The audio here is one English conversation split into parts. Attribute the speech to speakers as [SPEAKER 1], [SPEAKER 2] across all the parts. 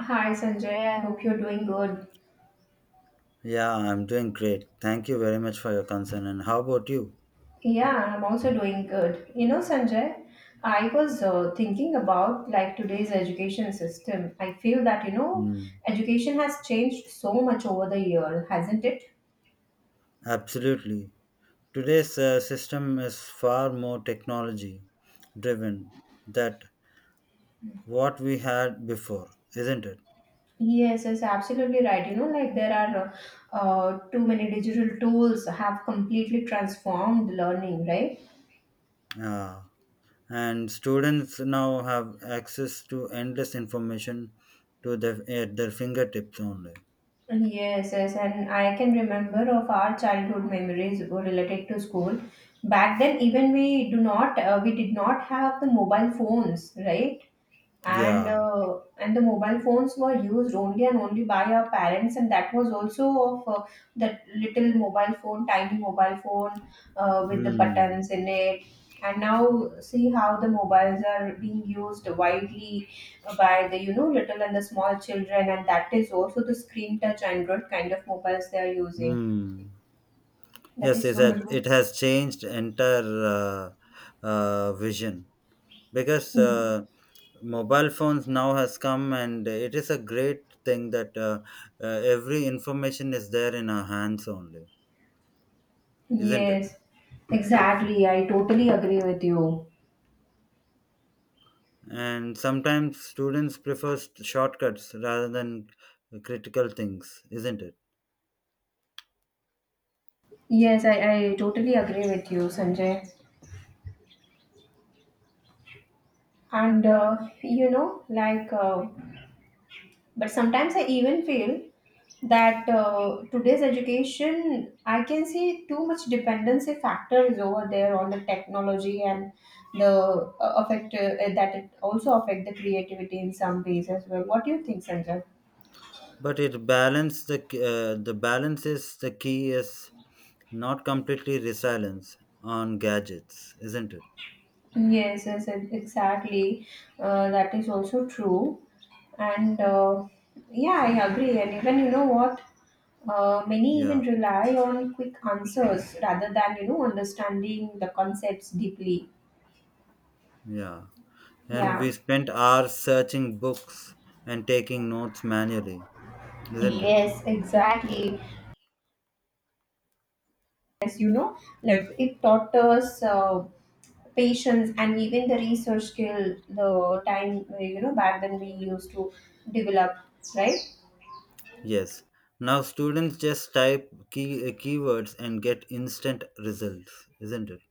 [SPEAKER 1] Hi Sanjay, I hope you're doing good.
[SPEAKER 2] Yeah, I'm doing great. Thank you very much for your concern. And how about you?
[SPEAKER 1] Yeah, I'm also doing good. You know, Sanjay, I was thinking about like today's education system. I feel that, you know,
[SPEAKER 2] Hmm.
[SPEAKER 1] education has changed so much over the year, hasn't it?
[SPEAKER 2] Absolutely. Today's system is far more technology driven than what we had before, isn't it?
[SPEAKER 1] Yes, yes, absolutely right. You know, like there are too many digital tools have completely transformed learning, right?
[SPEAKER 2] Yeah. And students now have access to endless information to their, at their fingertips only.
[SPEAKER 1] Yes, yes, and I can remember of our childhood memories related to school. Back then, even we do not, we did not have the mobile phones, right? and
[SPEAKER 2] Yeah.
[SPEAKER 1] uh, and the mobile phones were used only and only by our parents and that was also of that little mobile phone tiny mobile phone with the
[SPEAKER 2] Hmm.
[SPEAKER 1] buttons in it, and now see how the mobiles are being used widely by the you know little and the small children, and that is also the screen touch android kind of mobiles they are using.
[SPEAKER 2] Hmm.
[SPEAKER 1] That
[SPEAKER 2] Yes,
[SPEAKER 1] is
[SPEAKER 2] it
[SPEAKER 1] so much.
[SPEAKER 2] has, it has changed entire vision because mobile phones now has come, and it is a great thing that every information is there in our hands only, isn't it?
[SPEAKER 1] Yes, exactly, I totally agree with you.
[SPEAKER 2] And sometimes students prefer shortcuts rather than critical things, isn't it?
[SPEAKER 1] Yes, I totally agree with you, Sanjay. And you know, like, but sometimes I even feel that today's education, I can see too much dependency factor is over there on the technology, and the affect that it also affect the creativity in some ways as well. What do you think, Sanjay?
[SPEAKER 2] But it balance the balance is the key is not completely resilience on gadgets, isn't it?
[SPEAKER 1] Yes, yes, exactly. That is also true. And yeah, I agree. And even you know what, many even
[SPEAKER 2] Yeah,
[SPEAKER 1] rely on quick answers rather than you know understanding the concepts deeply.
[SPEAKER 2] yeah, and
[SPEAKER 1] Yeah.
[SPEAKER 2] we spent hours searching books and taking notes manually, isn't it?
[SPEAKER 1] Yes, exactly. As you know, like it taught us patience and even the research skill. The time you know back then we used to develop, right?
[SPEAKER 2] Yes. Now students just type key keywords and get instant results, isn't it?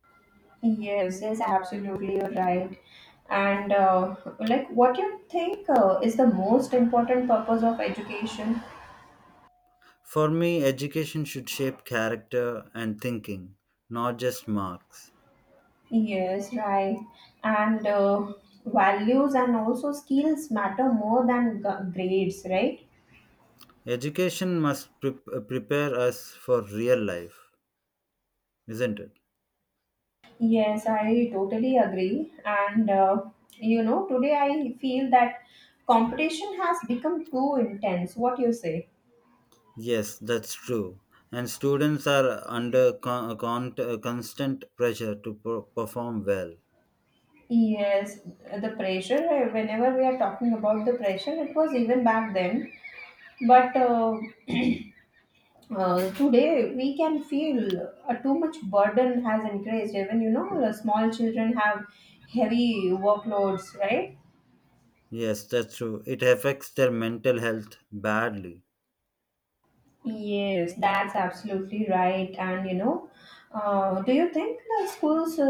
[SPEAKER 1] Yes, yes, absolutely, you're right. And like, what you think is the most important purpose of education?
[SPEAKER 2] For me, education should shape character and thinking, not just marks.
[SPEAKER 1] Yes, right. And values and also skills matter more than grades, right?
[SPEAKER 2] Education must prepare us for real life, isn't it?
[SPEAKER 1] Yes, I totally agree. And you know, today I feel that competition has become too intense. What you say?
[SPEAKER 2] Yes, that's true. And students are under constant pressure to perform well.
[SPEAKER 1] Yes, the pressure, whenever we are talking about the pressure, it was even back then. But today we can feel too much burden has increased. Even you know, the small children have heavy workloads, right?
[SPEAKER 2] Yes, that's true. It affects their mental health badly.
[SPEAKER 1] Yes, that's absolutely right. And you know, do you think the schools uh,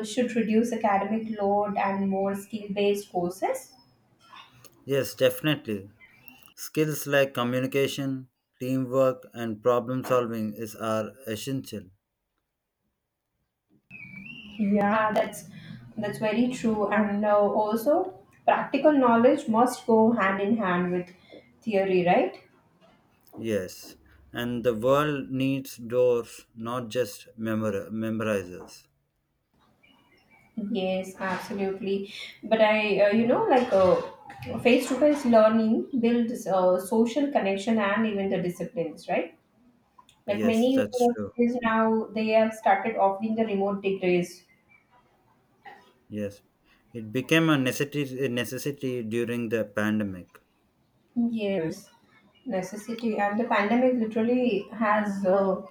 [SPEAKER 1] uh, should reduce academic load and more skill-based courses?
[SPEAKER 2] Yes, definitely. Skills like communication, teamwork, and problem solving is are essential.
[SPEAKER 1] Yeah, that's very true. And also, practical knowledge must go hand in hand with theory, right?
[SPEAKER 2] Yes, and the world needs doors, not just memorizers.
[SPEAKER 1] Yes, absolutely. But you know, like face-to-face learning builds social connection and even the disciplines, right? Like
[SPEAKER 2] Yes,
[SPEAKER 1] many
[SPEAKER 2] that's true.
[SPEAKER 1] universities now, they have started offering the remote degrees.
[SPEAKER 2] Yes, it became a necessity during the pandemic.
[SPEAKER 1] Yes, necessity. And the pandemic literally has,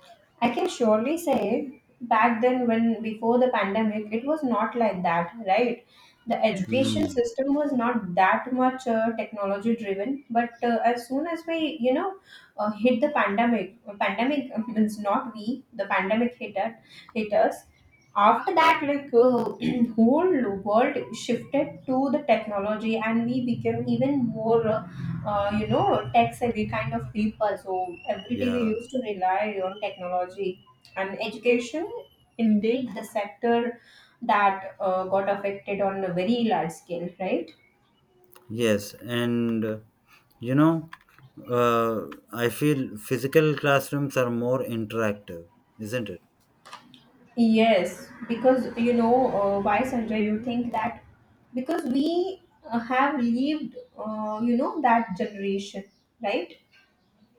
[SPEAKER 1] I can surely say, back then, when before the pandemic, it was not like that, right? The education
[SPEAKER 2] Hmm.
[SPEAKER 1] system was not that much technology driven, but as soon as we, you know, hit the pandemic, means not we, the pandemic hit, hit us. After that, like whole world shifted to the technology, and we became even more you know, tech savvy kind of people. So every day we
[SPEAKER 2] Yeah.
[SPEAKER 1] used to rely on technology and education. Indeed, the sector that got affected on a very large scale, right?
[SPEAKER 2] Yes, and you know, uh, I feel physical classrooms are more interactive, isn't it?
[SPEAKER 1] Yes, because you know why, Sanjay? You think that because we have lived, you know, that generation, right?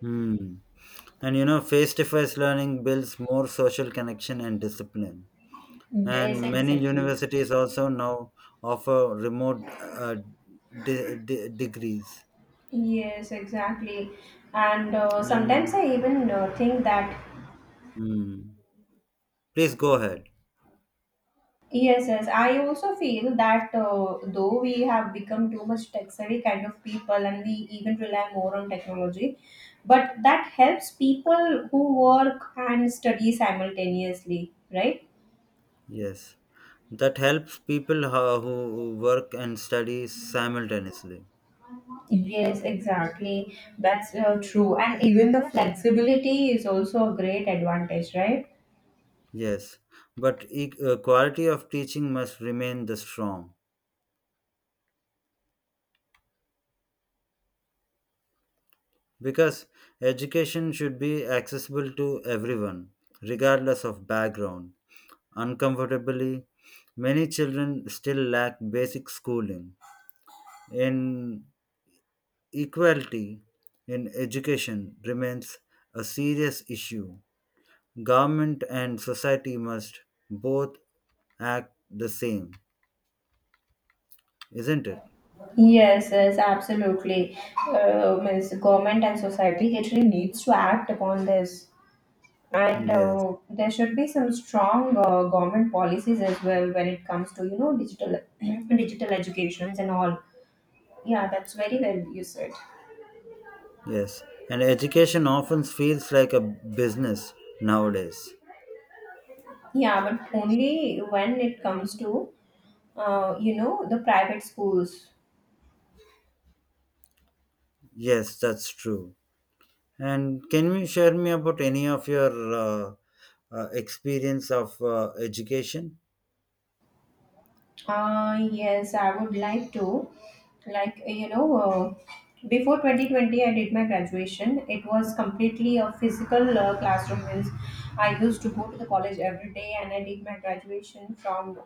[SPEAKER 2] Hmm. And you know, face to face learning builds more social connection and discipline.
[SPEAKER 1] Yes,
[SPEAKER 2] And many
[SPEAKER 1] exactly.
[SPEAKER 2] universities also now offer remote degrees.
[SPEAKER 1] Yes, exactly. And sometimes
[SPEAKER 2] And
[SPEAKER 1] I even think that.
[SPEAKER 2] mm, please go ahead.
[SPEAKER 1] Yes, yes. I also feel that though we have become too much tech savvy kind of people and we even rely more on technology, but that helps people who work and study simultaneously, right?
[SPEAKER 2] Yes, that helps people who work and study simultaneously.
[SPEAKER 1] Yes, exactly. That's true. And even the flexibility is also a great advantage, right?
[SPEAKER 2] Yes, but quality of teaching must remain the strong because education should be accessible to everyone, regardless of background. Uncomfortably, many children still lack basic schooling. Inequality in education remains a serious issue. Government and society must both act the same, isn't it?
[SPEAKER 1] Yes, yes, absolutely. Means government and society actually needs to act upon this. And
[SPEAKER 2] Yes,
[SPEAKER 1] there should be some strong government policies as well when it comes to you know digital digital educations and all. Yeah, that's very well you said.
[SPEAKER 2] yes. And education often feels like a business nowadays.
[SPEAKER 1] Yeah, but only when it comes to you know the private schools.
[SPEAKER 2] Yes, that's true. And can you share me about any of your experience of education?
[SPEAKER 1] Yes, I would like to. Like, you know, before 2020, I did my graduation. It was completely a physical classroom. Means I used to go to the college every day and I did my graduation from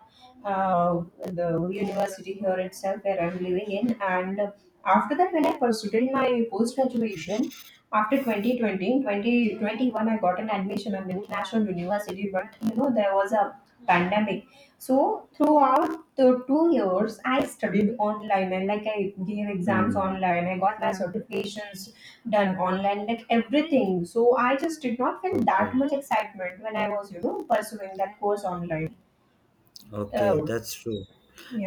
[SPEAKER 1] the university here itself where I'm living in. And after that, when I pursued my post graduation, after 2020-2021, I got an admission at an international university. But, you know, there was a pandemic, so throughout the 2 years, I studied online and like I gave exams
[SPEAKER 2] Hmm.
[SPEAKER 1] online. I got my certifications done online, like everything. So I just did not feel that
[SPEAKER 2] Okay.
[SPEAKER 1] much excitement when I was, you know, pursuing that course online.
[SPEAKER 2] Okay,
[SPEAKER 1] Uh,
[SPEAKER 2] that's true.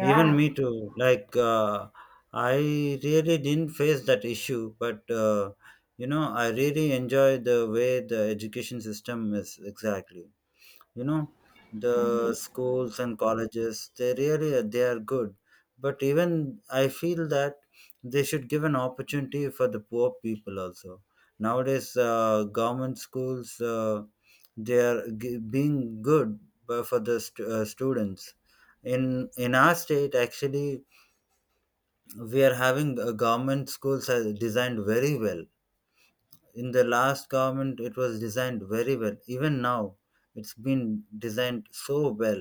[SPEAKER 2] Even me too. Like, I really didn't face that issue, but you know, I really enjoy the way the education system is exactly. You know, the schools and colleges, they are good, but even I feel that they should give an opportunity for the poor people also. Nowadays, government schools. They are being good for the students in our state. Actually, we are having government schools are designed very well. In the last government it was designed very well, even now it's been designed so well.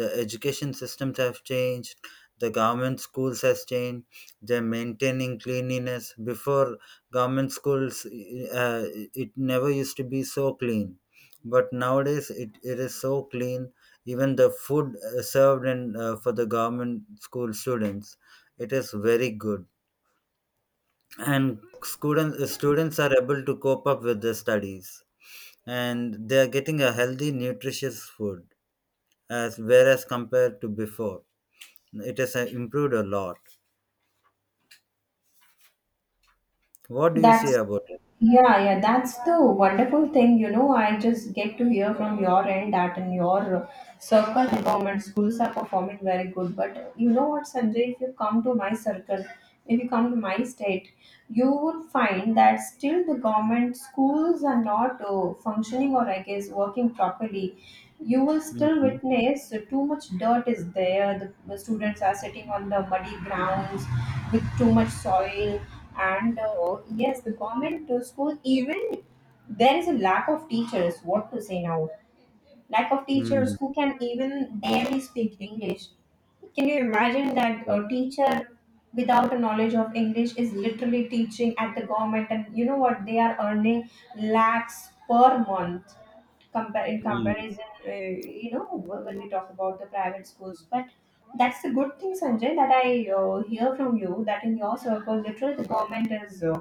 [SPEAKER 2] The education systems have changed, the government schools has changed. They're maintaining cleanliness. Before, government schools, uh, it never used to be so clean, but nowadays it is so clean. Even the food served in for the government school students, it is very good. And students are able to cope up with their studies, and they are getting a healthy nutritious food. As whereas compared to before, it has improved a lot. What do you see
[SPEAKER 1] That's
[SPEAKER 2] about it?
[SPEAKER 1] yeah, yeah, that's the wonderful thing, you know. I just get to hear from your end that in your circle, government schools are performing very good. But you know what, Sanjay, if you come to my circle, if you come to my state, you would find that still the government schools are not functioning or, I guess, working properly. You will still
[SPEAKER 2] Mm-hmm.
[SPEAKER 1] witness too much dirt is there. The students are sitting on the muddy grounds with too much soil, and oh, yes, the government school even, there is a lack of teachers, what to say now, lack of teachers who can even barely speak English. Can you imagine that a teacher without a knowledge of English is literally teaching at the government, and you know what? They are earning lakhs per month compare in
[SPEAKER 2] Mm-hmm.
[SPEAKER 1] comparison, you know, when we talk about the private schools. But that's the good thing, Sanjay, that I hear from you that in your circle, literally the government is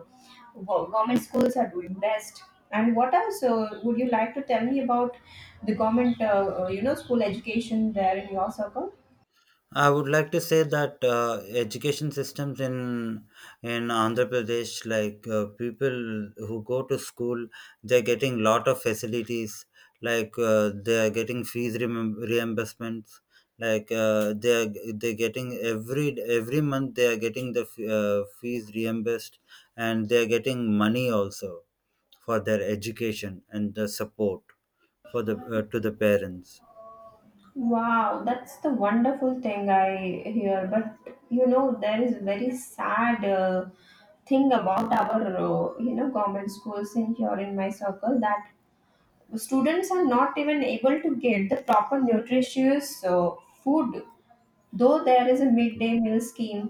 [SPEAKER 1] wow, government schools are doing best. And what else would you like to tell me about the government, you know, school education there in your circle?
[SPEAKER 2] I would like to say that education systems in Andhra Pradesh, like people who go to school, they're getting lot of facilities. Like they're getting fees reimbursements. Like they're getting every month they are getting the fees reimbursed, and they're getting money also for their education, and the support for the to the parents.
[SPEAKER 1] Wow, that's the wonderful thing I hear. But you know, there is a very sad thing about our you know government schools in here in my circle, that students are not even able to get the proper nutritious food, though there is a
[SPEAKER 2] Okay.
[SPEAKER 1] midday meal scheme,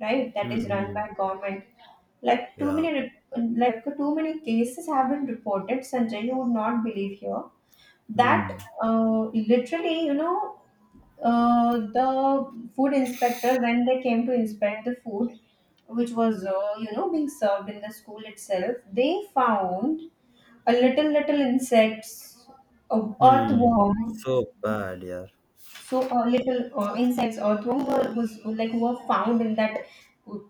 [SPEAKER 1] right, that is run by
[SPEAKER 2] Hmm.
[SPEAKER 1] government. like too
[SPEAKER 2] Yeah.
[SPEAKER 1] many rep- like too many cases have been reported, Sanjay, you would not believe here that
[SPEAKER 2] Hmm.
[SPEAKER 1] uh, literally you know the food inspector when they came to inspect the food, which was you know being served in the school itself, they found a little little insects, a
[SPEAKER 2] Hmm.
[SPEAKER 1] earthworm.
[SPEAKER 2] So bad, yeah.
[SPEAKER 1] So little insects or throw were, was like were found in that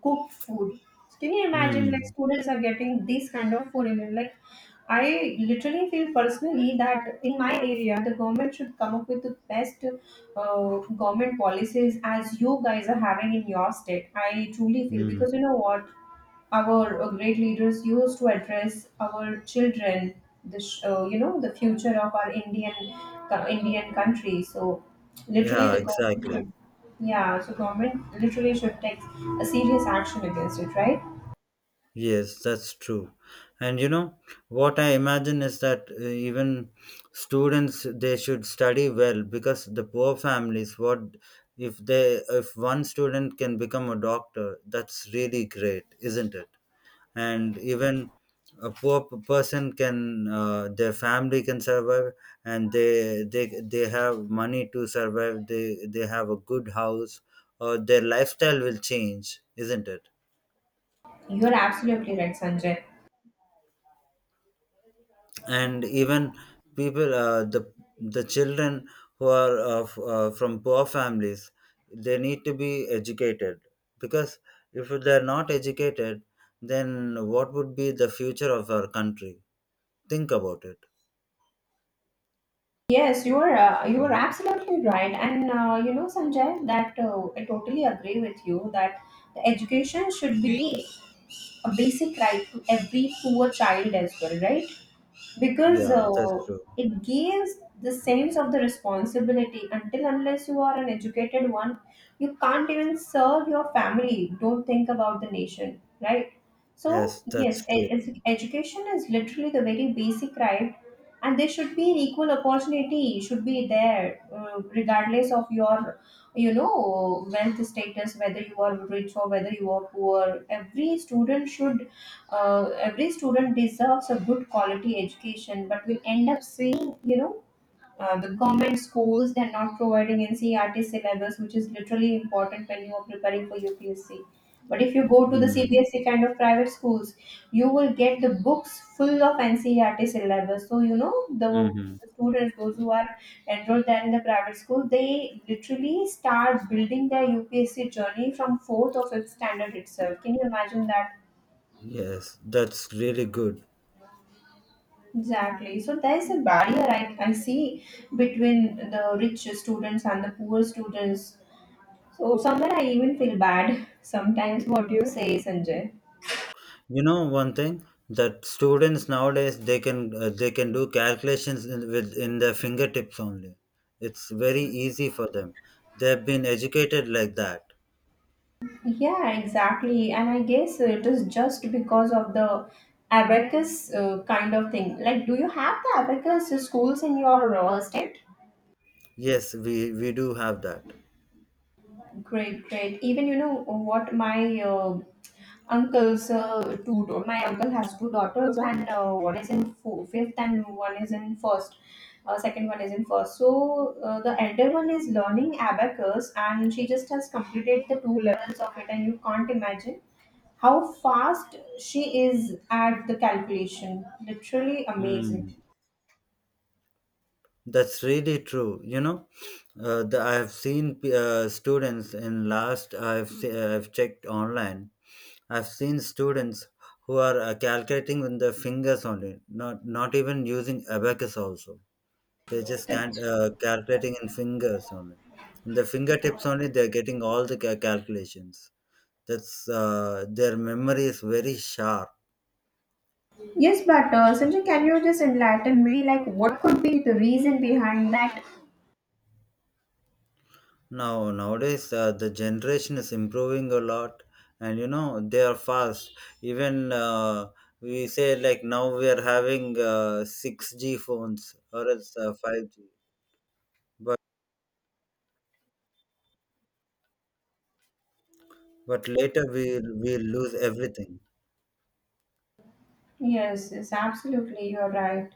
[SPEAKER 1] cooked food. So can you imagine like
[SPEAKER 2] Hmm.
[SPEAKER 1] students are getting this kind of food? And like I literally feel personally that in my area the government should come up with the best government policies as you guys are having in your state. I truly feel,
[SPEAKER 2] Hmm.
[SPEAKER 1] because you know what, our great leaders used to address our children, the you know the future of our Indian Indian country. So literally
[SPEAKER 2] Yeah,
[SPEAKER 1] the government
[SPEAKER 2] exactly.
[SPEAKER 1] should, yeah, so government literally should take a serious action against it, right?
[SPEAKER 2] Yes, that's true. And you know, what I imagine is that even students they should study well, because the poor families what if they if one student can become a doctor, that's really great, isn't it? And even a poor person can their family can survive, and they have money to survive, they have a good house, or their lifestyle will change, isn't it?
[SPEAKER 1] You're absolutely right, Sanjay.
[SPEAKER 2] And even people, the children who are from poor families, they need to be educated, because if they're not educated, then what would be the future of our country? Think about it.
[SPEAKER 1] Yes, you are absolutely right, and you know, Sanjay, that I totally agree with you that the education should be a basic right to every poor child as well, right? Because
[SPEAKER 2] Yeah, that's true.
[SPEAKER 1] it gives the sense of the responsibility. Until unless you are an educated one, you can't even serve your family, don't think about the nation, right? So
[SPEAKER 2] Yes,
[SPEAKER 1] yes,
[SPEAKER 2] that's true.
[SPEAKER 1] education is literally the very basic right. And there should be an equal opportunity should be there, regardless of your you know wealth status, whether you are rich or whether you are poor, every student should, every student deserves a good quality education, but we end up seeing, you know, the government schools they're not providing NCERT syllabus, which is literally important when you are preparing for UPSC. But if you go to the
[SPEAKER 2] Mm.
[SPEAKER 1] CBSE kind of private schools, you will get the books full of NCERT syllabus. So you know the,
[SPEAKER 2] Hmm.
[SPEAKER 1] students, those who are enrolled there in the private school, they literally start building their UPSC journey from fourth or fifth standard itself. Can you imagine that?
[SPEAKER 2] Yes, that's really good.
[SPEAKER 1] Exactly. So there is a barrier I see between the rich students and the poor students. So somewhere I even feel bad sometimes, what do you say, Sanjay.
[SPEAKER 2] You know one thing that students nowadays they can do calculations in, with in their fingertips only. It's very easy for them. They have been educated like that.
[SPEAKER 1] Yeah, exactly. And I guess it is just because of the abacus kind of thing. Like, do you have the abacus schools in your state?
[SPEAKER 2] Yes, we do have that.
[SPEAKER 1] Great, great. Even you know what, my uncle's two. My uncle has two daughters, and one is in fifth, and one is in first. Second one is in first. So the elder one is learning abacus, and she just has completed the two levels of it. And you can't imagine how fast she is at the calculation. Literally amazing.
[SPEAKER 2] Mm. That's really true. You know, I have seen students in last. I've checked online. I've seen students who are calculating with their fingers only, not even using abacus. Also, they just can't calculating in fingers only. In the fingertips only, they're getting all the calculations. That's their memory is very sharp.
[SPEAKER 1] Yes, but Sanjay, can you just enlighten me, like, what could be the reason behind that?
[SPEAKER 2] Nowadays the generation is improving a lot, and you know they are fast. Even we say like now we are having 6G phones or else 5G, but but later we will we'll lose everything.
[SPEAKER 1] Yes, yes, absolutely, you're right.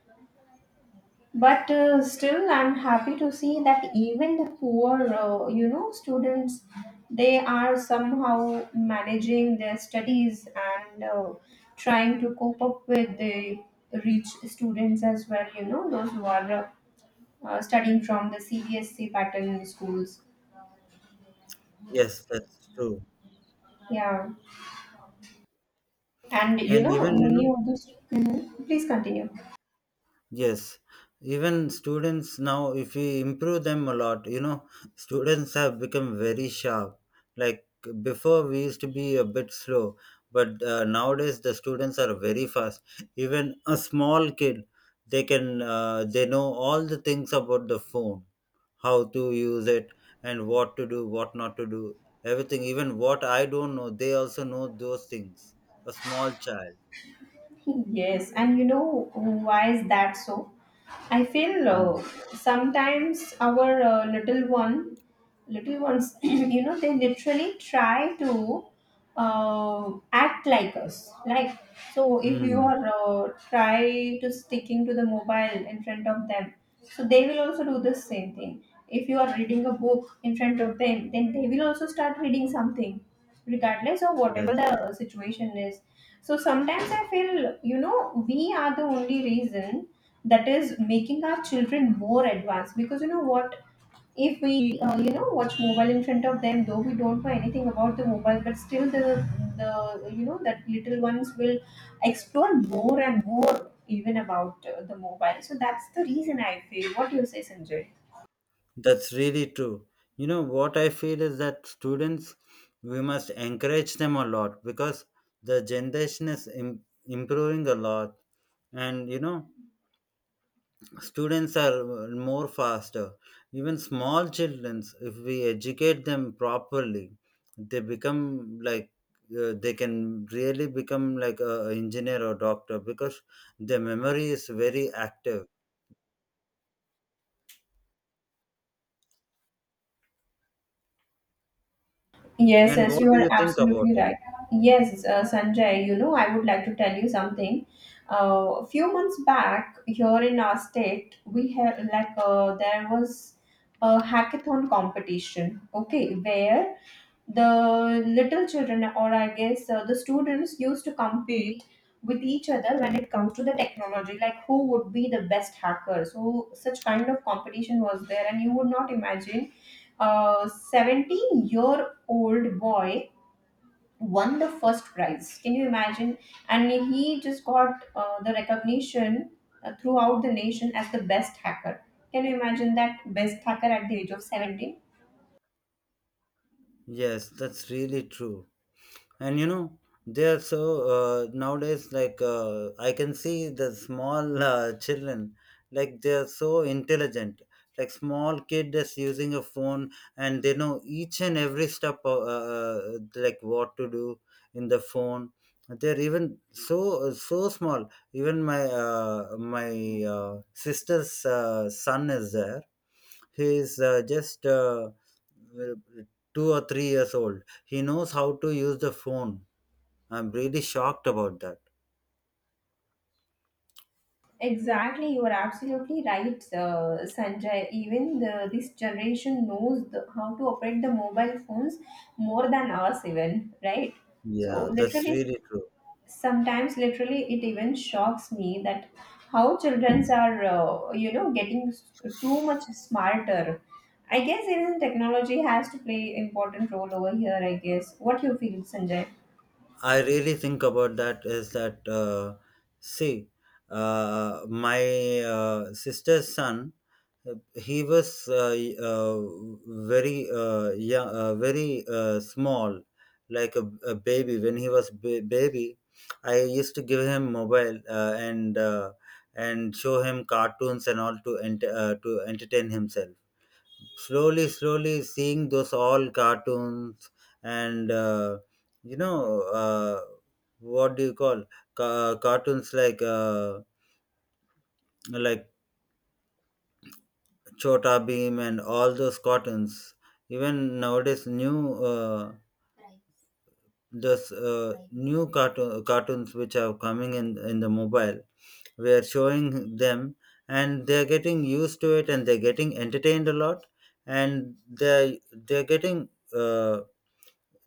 [SPEAKER 1] But still, I'm happy to see that even the poor, students, they are somehow managing their studies and trying to cope up with the rich students as well, those who are studying from the CBSC pattern schools.
[SPEAKER 2] Yes, that's true.
[SPEAKER 1] Yeah. And,
[SPEAKER 2] And even you
[SPEAKER 1] many
[SPEAKER 2] know,
[SPEAKER 1] of those. Mhm. Please continue.
[SPEAKER 2] yes, even students now, if we improve them a lot, you know, students have become very sharp. Like before, we used to be a bit slow, but nowadays the students are very fast. Even a small kid, they know all the things about the phone, how to use it, and what to do, what not to do, everything. Even what I don't know, they also know those things. A small child.
[SPEAKER 1] Yes, and you know why is that so? I feel
[SPEAKER 2] Mm.
[SPEAKER 1] sometimes our little ones you know they literally try to act like us, like, so if you
[SPEAKER 2] Mm.
[SPEAKER 1] are try to sticking to the mobile in front of them, so they will also do the same thing. If you are reading a book in front of them, then they will also start reading something, regardless of whatever
[SPEAKER 2] Yes,
[SPEAKER 1] the situation is. So sometimes I feel, you know, we are the only reason that is making our children more advanced, because you know what, if we you know watch mobile in front of them, though we don't know anything about the mobile, but still the you know that little ones will explore more and more, even about the mobile. So that's the reason, I feel. What do you say, Sanjay?
[SPEAKER 2] that's really true. You know, what I feel is that students, we must encourage them a lot, because the generation is improving a lot. And, you know, students are more faster. Even small children, if we educate them properly, they become like they can really become like a engineer or doctor, because their memory is very active.
[SPEAKER 1] Yes,
[SPEAKER 2] And
[SPEAKER 1] yes,
[SPEAKER 2] what
[SPEAKER 1] you
[SPEAKER 2] do
[SPEAKER 1] are
[SPEAKER 2] you think about
[SPEAKER 1] absolutely
[SPEAKER 2] it?
[SPEAKER 1] right. Yes, Sanjay, you know, I would like to tell you something. A few months back, here in our state, we had, like, there was a hackathon competition, okay, where the little children, or I guess the students, used to compete with each other when it comes to the technology, like, who would be the best hacker. So such kind of competition was there, and you would not imagine a 17-year-old boy won the first prize. Can you imagine? And he just got the recognition throughout the nation as the best hacker. Can you imagine? That best hacker at the age of 17.
[SPEAKER 2] Yes, that's really true. And you know, they are so nowadays, like I can see the small children, like they are so intelligent. Like small kid is using a phone and they know each and every step like what to do in the phone. They're even so so small. Even my uh, sister's son is there. He is just 2 or 3 years old. He knows how to use the phone. I'm really shocked about that.
[SPEAKER 1] Exactly, you are absolutely right, Sanjay. Even this generation knows how to operate the mobile phones more than us, even, right. So
[SPEAKER 2] Yeah, that's
[SPEAKER 1] literally,
[SPEAKER 2] really true.
[SPEAKER 1] sometimes literally it even shocks me that how childrens are, getting too much smarter. I guess even technology has to play important role over here, I guess. What you feel, Sanjay?
[SPEAKER 2] I really think about that is that, see, my sister's son, he was very young, very small, like a baby. When he was baby, I used to give him mobile and and show him cartoons and all to to entertain himself. Slowly slowly seeing those all cartoons, and you know uh, what do you call, cartoons like like chota beam and all those cartoons. Even nowadays new those new cartoons which are coming in the mobile, we are showing them, and they're getting used to it, and they're getting entertained a lot. And they're getting uh,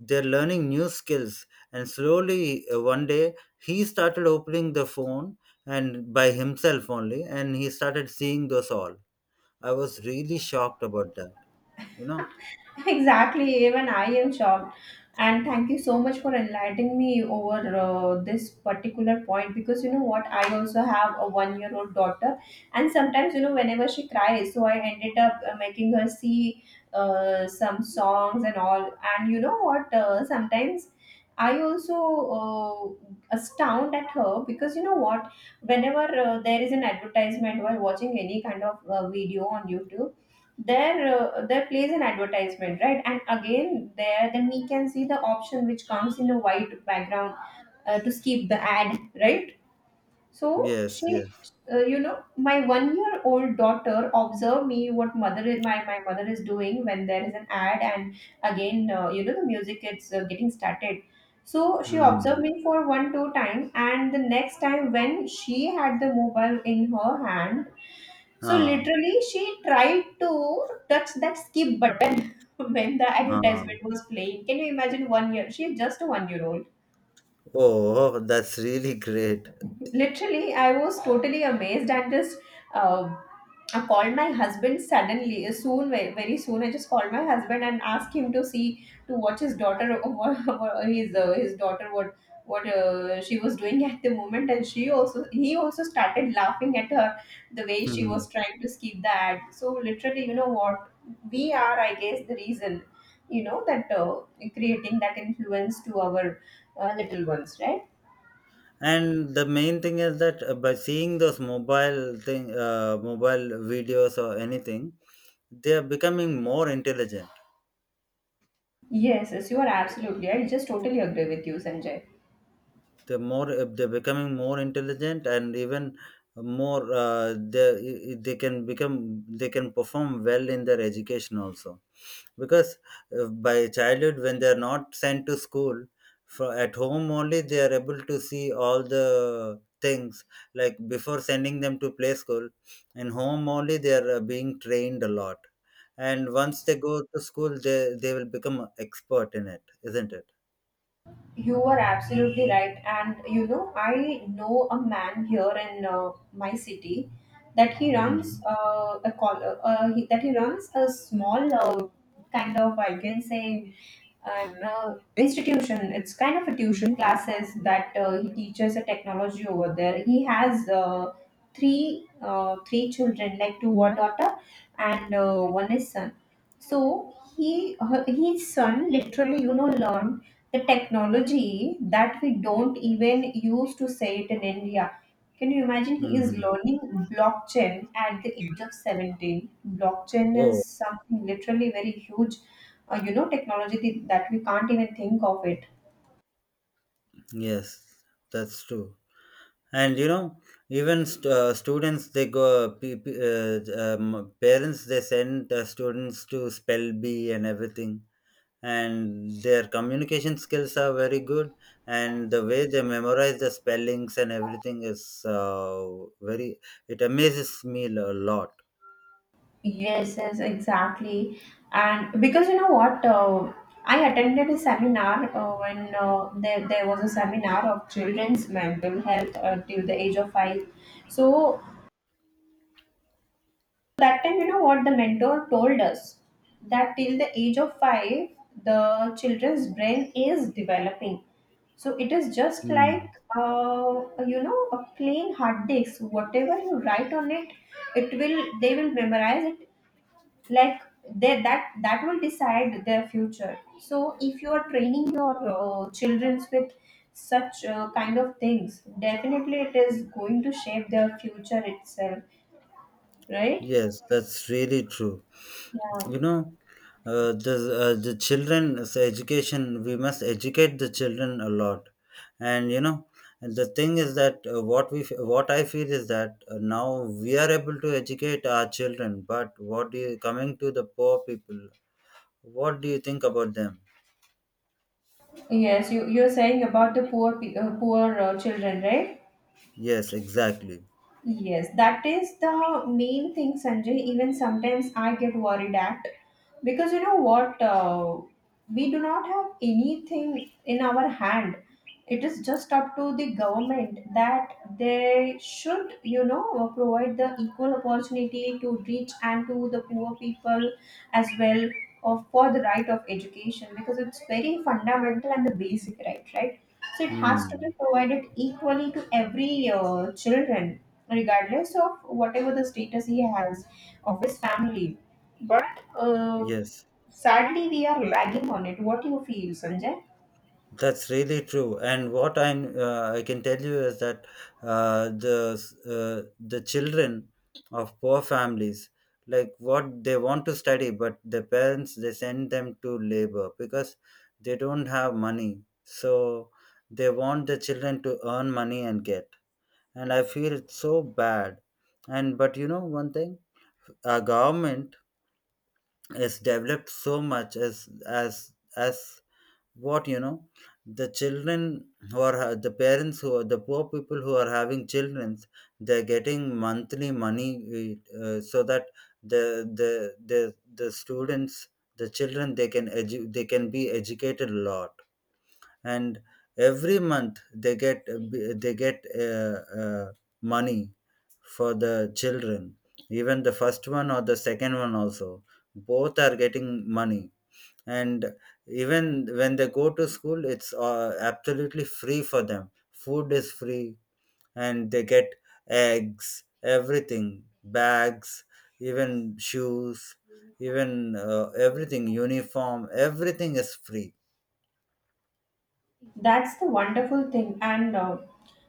[SPEAKER 2] they're learning new skills. And slowly, one day, he started opening the phone and by himself only, and he started seeing those all. I was really shocked about that, you know?
[SPEAKER 1] Exactly, even I am shocked. And thank you so much for enlightening me over this particular point, because you know what, I also have a one year old daughter, and sometimes, whenever she cries, so I ended up making her see some songs and all. And you know what, sometimes I also astound at her, because you know what, whenever there is an advertisement while watching any kind of video on YouTube, there plays an advertisement, right, and again there then we can see the option which comes in a white background to skip the ad, right. so
[SPEAKER 2] Yes,
[SPEAKER 1] she
[SPEAKER 2] yes.
[SPEAKER 1] uh, you know my one year old daughter observe me what mother is, my mother is doing when there is an ad, and again, the music is getting started, so she observed
[SPEAKER 2] Hmm.
[SPEAKER 1] me for one two time, and the next time when she had the mobile in her hand, so
[SPEAKER 2] Ah,
[SPEAKER 1] literally, she tried to touch that skip button when the
[SPEAKER 2] ah.
[SPEAKER 1] advertisement was playing. Can you imagine one year? She's just a one year old.
[SPEAKER 2] Oh, that's really great.
[SPEAKER 1] Literally, I was totally amazed, and just uh, I called my husband suddenly, soon, very soon. I just called my husband and asked him to see, to watch his daughter, his daughter, what she was doing at the moment, and she also he also started laughing at her, the way she was
[SPEAKER 2] Hmm.
[SPEAKER 1] trying to skip the ad. So literally, you know what, we are, I guess, the reason, you know, that creating that influence to our little ones, right?
[SPEAKER 2] And the main thing is that by seeing those mobile thing, mobile videos or anything, they are becoming more intelligent.
[SPEAKER 1] Yes, yes, you are absolutely right. I just totally agree with you, Sanjay.
[SPEAKER 2] The more they're becoming more intelligent, and even more they can become, they can perform well in their education also, because by childhood when they're not sent to school, for at home only they are able to see all the things. Like before sending them to play school, in home only they are being trained a lot, and once they go to school they will become expert in it, isn't it?
[SPEAKER 1] You are absolutely right. And you know, I know a man here in my city that he runs
[SPEAKER 2] Hmm.
[SPEAKER 1] a call, he, that he runs a small kind of I can say an institution. It's kind of a tuition classes that he teaches a technology over there. He has three children, like two one daughter and one is son. So his son literally, you know, learned the technology that we don't even use to say it in India. Can you imagine? He is
[SPEAKER 2] Hmm.
[SPEAKER 1] learning blockchain at the age of 17. Blockchain
[SPEAKER 2] Oh,
[SPEAKER 1] is something literally very huge you know, technology that we can't even think of it.
[SPEAKER 2] yes, that's true. And you know, even students, they go, parents, they send the students to spell bee and everything. And their communication skills are very good. And the way they memorize the spellings and everything is very, it amazes me a lot.
[SPEAKER 1] Yes, yes, exactly. And because you know what, I attended a seminar when there was a seminar of children's mental health till the age of five. So that time, you know what the mentor told us, that till the age of five, the children's brain is developing. So it is just like
[SPEAKER 2] Mm.
[SPEAKER 1] uh, you know, a plain hard disk. Whatever you write on it, it will they will memorize it, like, they that that will decide their future. So if you are training your children with such kind of things, definitely it is going to shape their future itself, right?
[SPEAKER 2] Yes, that's really true.
[SPEAKER 1] Yeah.
[SPEAKER 2] You know, uh, the the children's education, we must educate the children a lot. And you know, and the thing is that what I feel is that now we are able to educate our children, but what do you coming to the poor people, what do you think about them?
[SPEAKER 1] Yes, you're saying about the poor children, right?
[SPEAKER 2] Yes, exactly.
[SPEAKER 1] Yes, that is the main thing, Sanjay. Even sometimes I get worried at, because you know what, we do not have anything in our hand. It is just up to the government that they should, you know, provide the equal opportunity to rich and to the poor people as well, of for the right of education, because it's very fundamental and the basic right, right? So it has to be
[SPEAKER 2] Hmm.
[SPEAKER 1] provided equally to every children, regardless of whatever the status he has of his family. But uh,
[SPEAKER 2] Yes.
[SPEAKER 1] sadly, we are lagging on it. What do you feel, Sanjay?
[SPEAKER 2] That's really true. And what I'm I can tell you is that uh, the the children of poor families, like what they want to study, but the parents they send them to labor because they don't have money. So they want the children to earn money and get. And I feel so bad. And but you know one thing, our government has developed so much, as what you know the children who are the parents who are the poor people who are having children, they're getting monthly money so that the students, the children, they can they can be educated a lot. And every month they get they get uh, uh, money for the children. Even the first one or the second one also, both are getting money. And even when they go to school, it's absolutely free for them. Food is free, and they get eggs, everything, bags, even shoes, even everything, uniform, everything is free.
[SPEAKER 1] That's the wonderful thing, and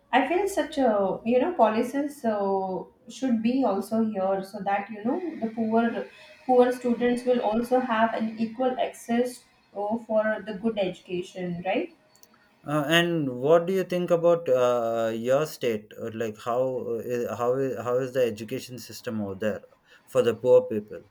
[SPEAKER 1] I feel such a, you know, policies should be also here, so that you know the poor students will also have an equal access for the good education, right?
[SPEAKER 2] And what do you think about your state? Like how how is the education system over there for the poor people?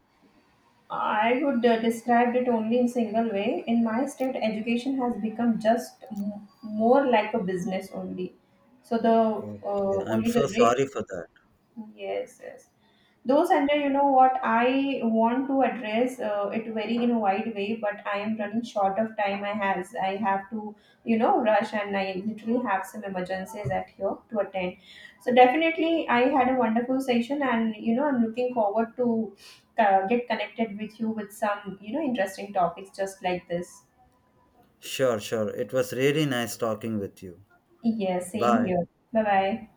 [SPEAKER 1] I would describe it only in single way. In my state, education has become just more like a business only. So the
[SPEAKER 2] Okay, I'm
[SPEAKER 1] only
[SPEAKER 2] so
[SPEAKER 1] the rich.
[SPEAKER 2] sorry for that.
[SPEAKER 1] Yes, yes. Though Sanjay, you know what, I want to address it very in a wide way, but I am running short of time. I have to, you know, rush, and I literally have some emergencies at here to attend. So definitely, I had a wonderful session, and you know I'm looking forward to get connected with you with some, you know, interesting topics just like this.
[SPEAKER 2] Sure, sure. It was really nice talking with you.
[SPEAKER 1] Yes, same
[SPEAKER 2] Bye.
[SPEAKER 1] here. Bye bye.